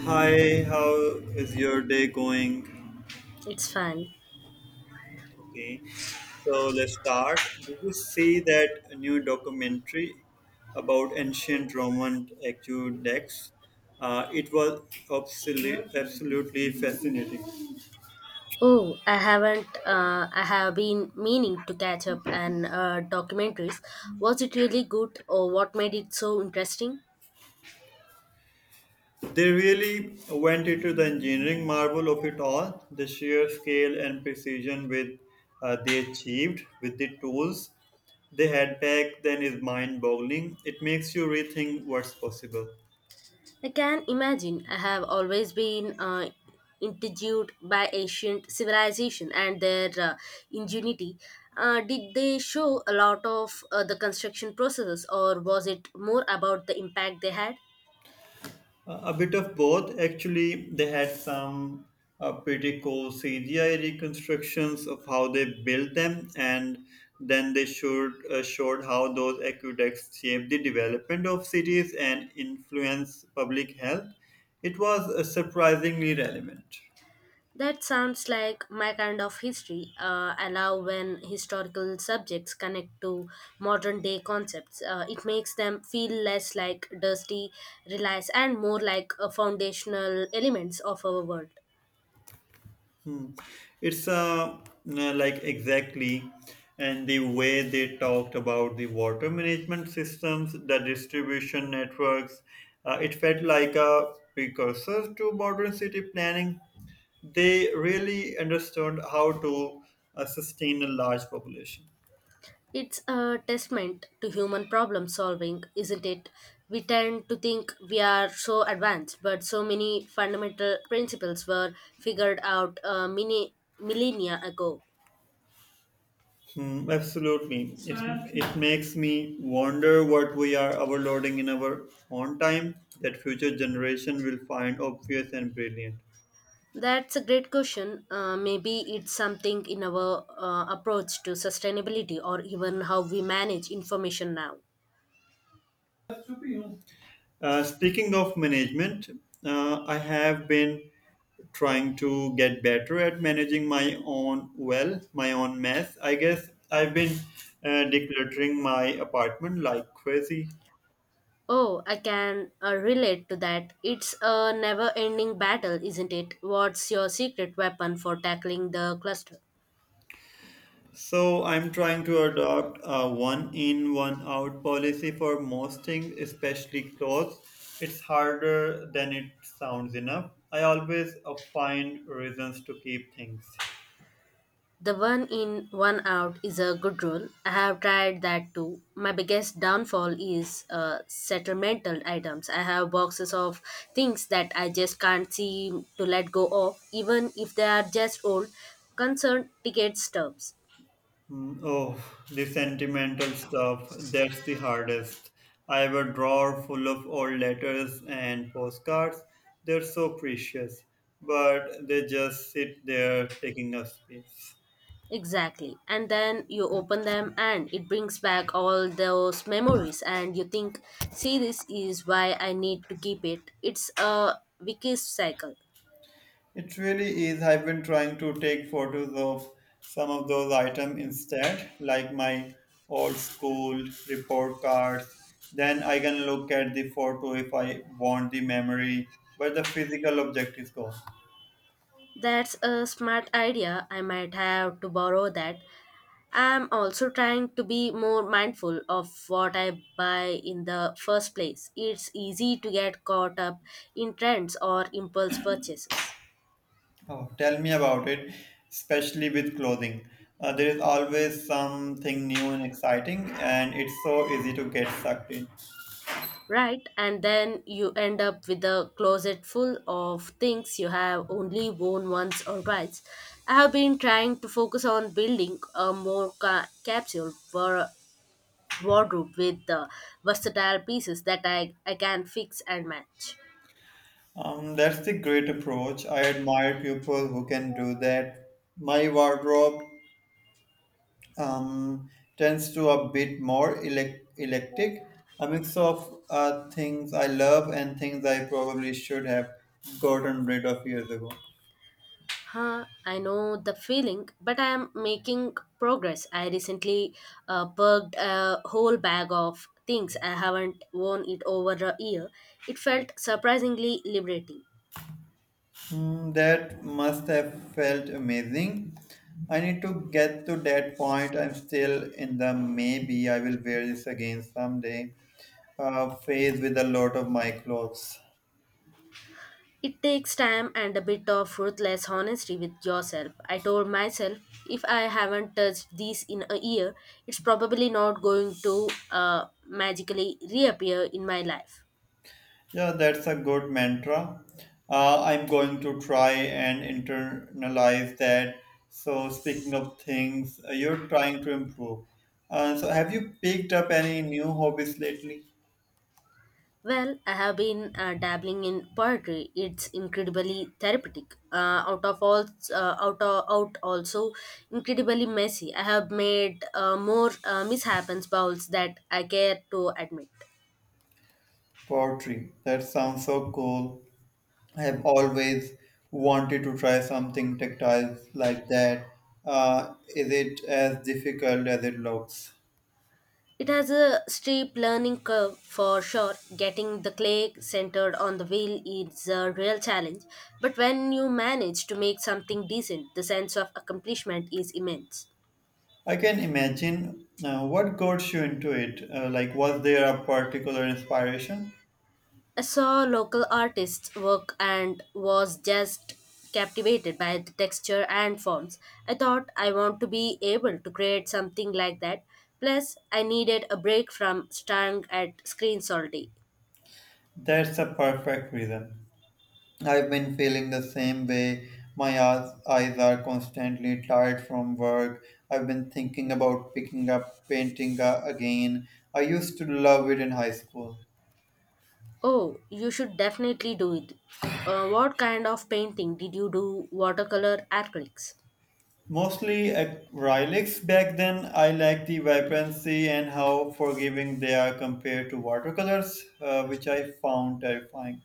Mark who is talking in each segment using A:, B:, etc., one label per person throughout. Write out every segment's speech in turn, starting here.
A: Hi, how is your day going?
B: It's fun.
A: Okay, so let's start. Did you see that new documentary about ancient Roman aqueducts? It was absolutely, absolutely fascinating.
B: Oh, I haven't. I have been meaning to catch up on documentaries. Was it really good, or what made it so interesting?
A: They really went into the engineering marvel of it all, the sheer scale and precision with they achieved with the tools they had back then is mind-boggling. It makes you rethink what's possible.
B: I can imagine. I have always been intrigued by ancient civilization and their ingenuity. Did they show a lot of the construction processes, or was it more about the impact they had?
A: A bit of both. Actually, they had some pretty cool CGI reconstructions of how they built them, and then they showed how those aqueducts shaped the development of cities and influence public health. It was surprisingly relevant.
B: That sounds like my kind of history. I love when historical subjects connect to modern day concepts. It makes them feel less like dusty relics and more like foundational elements of our world.
A: Hmm. It's like exactly, and the way they talked about the water management systems, the distribution networks, it felt like a precursor to modern city planning. They really understood how to sustain a large population.
B: It's a testament to human problem solving, isn't it? We tend to think we are so advanced, but so many fundamental principles were figured out many millennia ago.
A: Hmm, absolutely, it makes me wonder what we are overloading in our own time that future generation will find obvious and brilliant.
B: That's a great question. Maybe it's something in our approach to sustainability or even how we manage information now.
A: Speaking of management, I have been trying to get better at managing my own well, my own mess. I guess I've been decluttering my apartment like crazy.
B: Oh, I can relate to that. It's a never ending battle, isn't it? What's your secret weapon for tackling the cluster?
A: So I'm trying to adopt a one in one out policy for most things, especially clothes. It's harder than it sounds enough. I always find reasons to keep things.
B: The one in, one out is a good rule. I have tried that too. My biggest downfall is sentimental items. I have boxes of things that I just can't seem to let go of, even if they are just old concert ticket stubs.
A: Mm, oh, the sentimental stuff. That's the hardest. I have a drawer full of old letters and postcards. They're so precious, but they just sit there taking up space.
B: Exactly. And then you open them and it brings back all those memories and you think, see, this is why I need to keep it. It's a vicious cycle.
A: It really is. I've been trying to take photos of some of those items instead, like my old school report cards. Then I can look at the photo if I want the memory, but the physical object is gone.
B: That's a smart idea. I might have to borrow that. I'm also trying to be more mindful of what I buy in the first place. It's easy to get caught up in trends or impulse purchases,
A: Oh, tell me about it, especially with clothing. There is always something new and exciting, and it's so easy to get sucked in.
B: right? And then you end up with a closet full of things you have only worn once or twice. I have been trying to focus on building a more capsule wardrobe with the versatile pieces that I can fix and match.
A: That's the great approach. I admire people who can do that. My wardrobe um, tends to a bit more eclectic, a mix of things I love and things I probably should have gotten rid of years ago.
B: Huh, I know the feeling, but I am making progress. I recently purged a whole bag of things I haven't worn it over a year. It felt surprisingly liberating.
A: Hmm, that must have felt amazing. I need to get to that point. I'm still in the maybe I will wear this again someday phase with a lot of my clothes.
B: It takes time and a bit of ruthless honesty with yourself. I told myself if I haven't touched these in a year, it's probably not going to magically reappear in my life.
A: Yeah, that's a good mantra. I'm going to try and internalize that. So, speaking of things, you're trying to improve. Have you picked up any new hobbies lately?
B: Well, I have been dabbling in poetry. It's incredibly therapeutic. Out of all, out of, out also incredibly messy. I have made more mishaps bowls that I care to admit.
A: Poetry. That sounds so cool. I have always wanted to try something tactile like that. Is it as difficult as it looks?
B: It has a steep learning curve for sure. Getting the clay centered on the wheel is a real challenge, but when you manage to make something decent, the sense of accomplishment is immense.
A: I can imagine what got you into it. Was there a particular inspiration?
B: I saw local artists' work and was just captivated by the texture and forms. I thought I want to be able to create something like that. Plus, I needed a break from staring at screens all day.
A: That's a perfect reason. I've been feeling the same way. My eyes are constantly tired from work. I've been thinking about picking up painting again. I used to love it in high school.
B: Oh, you should definitely do it. What kind of painting did you do? Watercolor acrylics?
A: Mostly acrylics back then. I like the vibrancy and how forgiving they are compared to watercolors, which I found terrifying.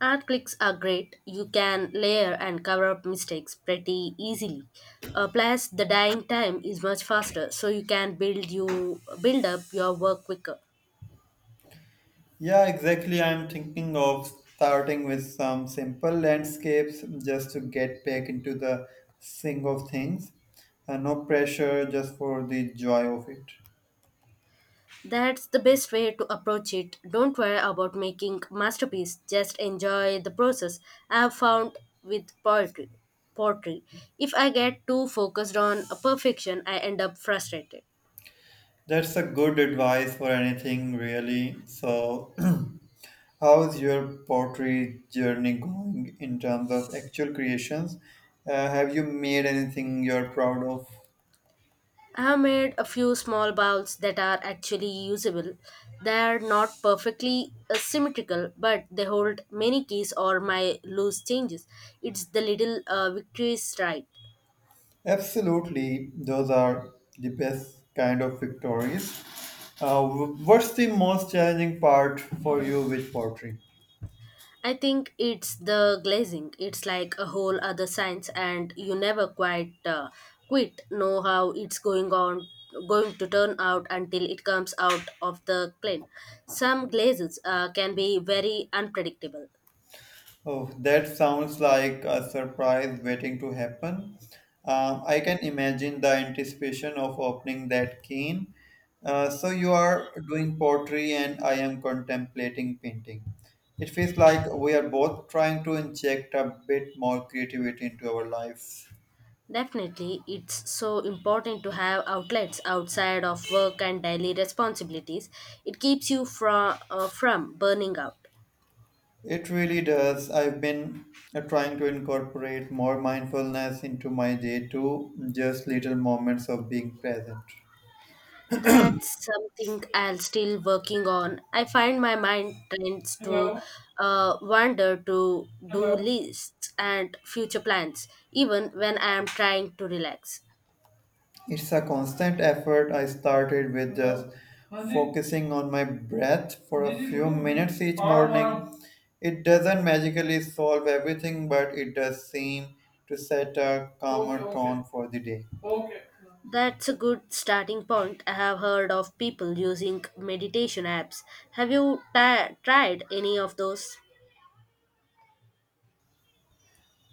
B: Art clicks are great. You can layer and cover up mistakes pretty easily. Plus, the dyeing time is much faster, so you can build up your work quicker.
A: Yeah, exactly. I'm thinking of starting with some simple landscapes just to get back into the swing of things. No pressure, just for the joy of it.
B: That's the best way to approach it. Don't worry about making masterpiece. Just enjoy the process. I've found with poetry. If I get too focused on perfection, I end up frustrated.
A: That's a good advice for anything, really. So, how's your pottery journey going in terms of actual creations? Have you made anything you're proud of?
B: I have made a few small bowls that are actually usable. They are not perfectly symmetrical, but they hold many keys or my loose changes. It's the little victories, right?
A: Absolutely, those are the best kind of victories. What's the most challenging part for you with pottery?
B: I think it's the glazing. It's like a whole other science, and you never quite quit know how it's going to turn out until it comes out of the plane. Some glazes can be very unpredictable.
A: Oh, that sounds like a surprise waiting to happen. I can imagine the anticipation of opening that can. So you are doing pottery and I am contemplating painting. It feels like we are both trying to inject a bit more creativity into our lives.
B: Definitely, it's so important to have outlets outside of work and daily responsibilities. It keeps you from from burning out.
A: It really does. I've been trying to incorporate more mindfulness into my day too, just little moments of being present.
B: That's something I'm still working on. I find my mind tends to
A: Hello,
B: wander to
A: hello.
B: do lists and future plans, even when I am trying to relax.
A: It's a constant effort. I started with just focusing on my breath for a few minutes each morning. It doesn't magically solve everything, but it does seem to set a calmer tone for the day.
B: That's a good starting point. I have heard of people using meditation apps. Have you ti tried any of those?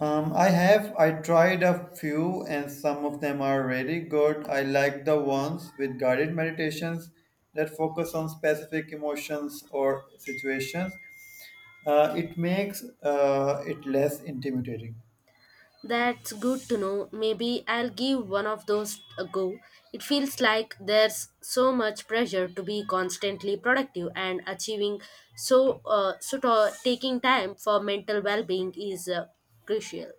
A: I tried a few and some of them are really good. I like the ones with guided meditations that focus on specific emotions or situations. It less intimidating.
B: That's good to know. Maybe I'll give one of those a go. It feels like there's so much pressure to be constantly productive and achieving, so of taking time for mental well-being is crucial.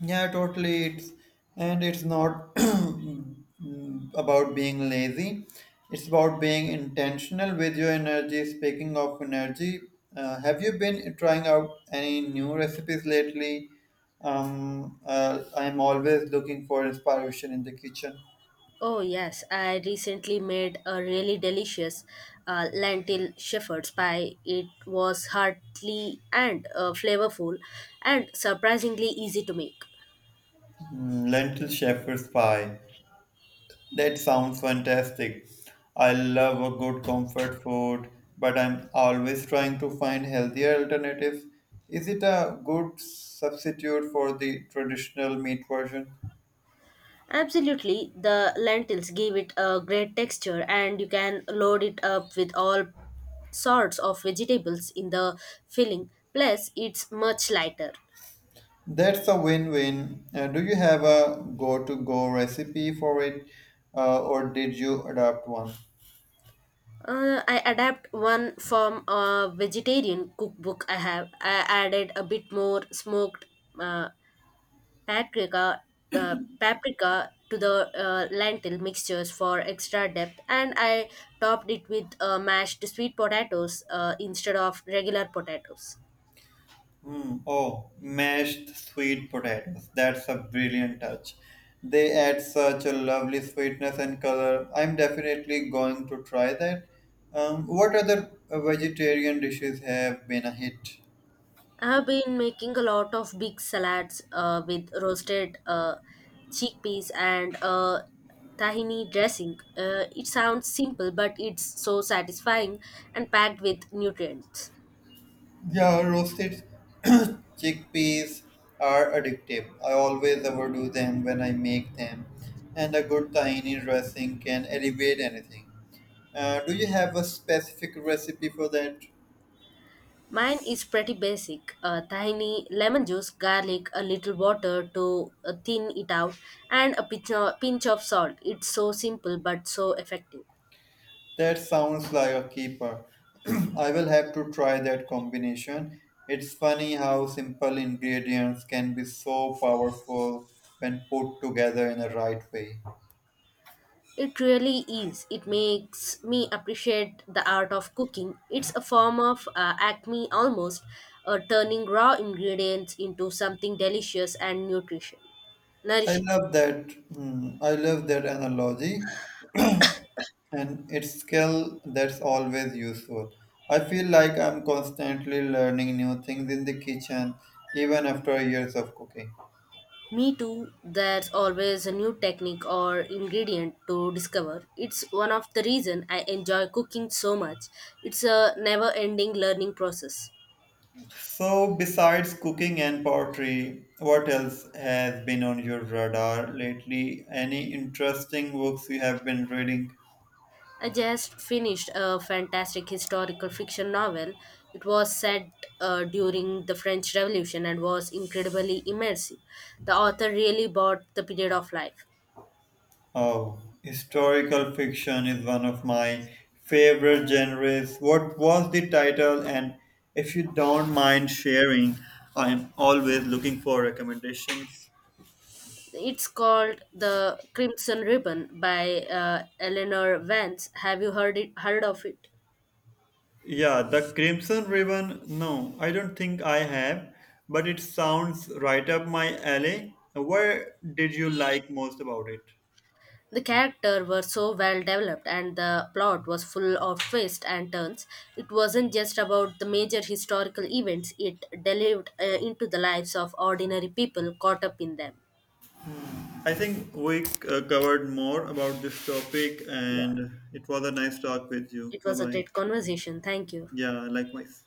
A: Yeah, totally. It's and it's not about being lazy. It's about being intentional with your energy. Speaking of energy, have you been trying out any new recipes lately? I'm always looking for inspiration in the kitchen.
B: Oh yes, I recently made a really delicious lentil shepherd's pie. It was hearty and flavorful, and surprisingly easy to make.
A: Mm, lentil shepherd's pie. That sounds fantastic. I love a good comfort food, but I'm always trying to find healthier alternatives. Is it a good substitute for the traditional meat version?
B: Absolutely, the lentils give it a great texture, and you can load it up with all sorts of vegetables in the filling. Plus, it's much lighter.
A: That's a win-win. Do you have a go-to-go recipe for it, or did you adopt one?
B: I adapt one from a vegetarian cookbook I have. I added a bit more smoked uh, paprika, paprika to the lentil mixtures for extra depth, and I topped it with mashed sweet potatoes instead of regular potatoes.
A: Hmm. Oh, mashed sweet potatoes. That's a brilliant touch. They add such a lovely sweetness and color. I'm definitely going to try that. What other vegetarian dishes have been a hit?
B: I have been making a lot of big salads with roasted chickpeas and tahini dressing. It sounds simple, but it's so satisfying and packed with nutrients.
A: Yeah, roasted chickpeas are addictive. I always overdo them when I make them, and a good tahini dressing can elevate anything. Do you have a specific recipe for that?
B: Mine is pretty basic tahini, lemon juice, garlic, a little water to thin it out, and a pinch of salt. It's so simple but so effective.
A: That sounds like a keeper. I will have to try that combination. It's funny how simple ingredients can be so powerful when put together in the right way.
B: It really is. It makes me appreciate the art of cooking. It's a form of acme almost, turning raw ingredients into something delicious and nutrition.
A: I
B: Nourishing.
A: love that. Hmm, I love that analogy, and it's skill that's always useful. I feel like I'm constantly learning new things in the kitchen, even after years of cooking.
B: Me too, there's always a new technique or ingredient to discover. It's one of the reason I enjoy cooking so much. It's a never-ending learning process.
A: So, besides cooking and pottery, what else has been on your radar lately? Any interesting books you have been reading?
B: I just finished a fantastic historical fiction novel. It was set during the French Revolution and was incredibly immersive. The author really bought the period of life.
A: Oh, historical fiction is one of my favorite genres. What was the title? And if you don't mind sharing, I'm always looking for recommendations.
B: It's called The Crimson Ribbon by Eleanor Vance. Have you heard of it?
A: Yeah, the Crimson Ribbon. No, I don't think I have, but it sounds right up my alley. Where did you like most about it?
B: The characters were so well developed and the plot was full of twists and turns. It wasn't just about the major historical events, it delved into the lives of ordinary people caught up in them.
A: I think we covered more about this topic,
B: Yeah,
A: and it was a nice talk with you.
B: it
A: Bye
B: was a
A: bye.
B: great conversation. Thank you.
A: Yeah, likewise.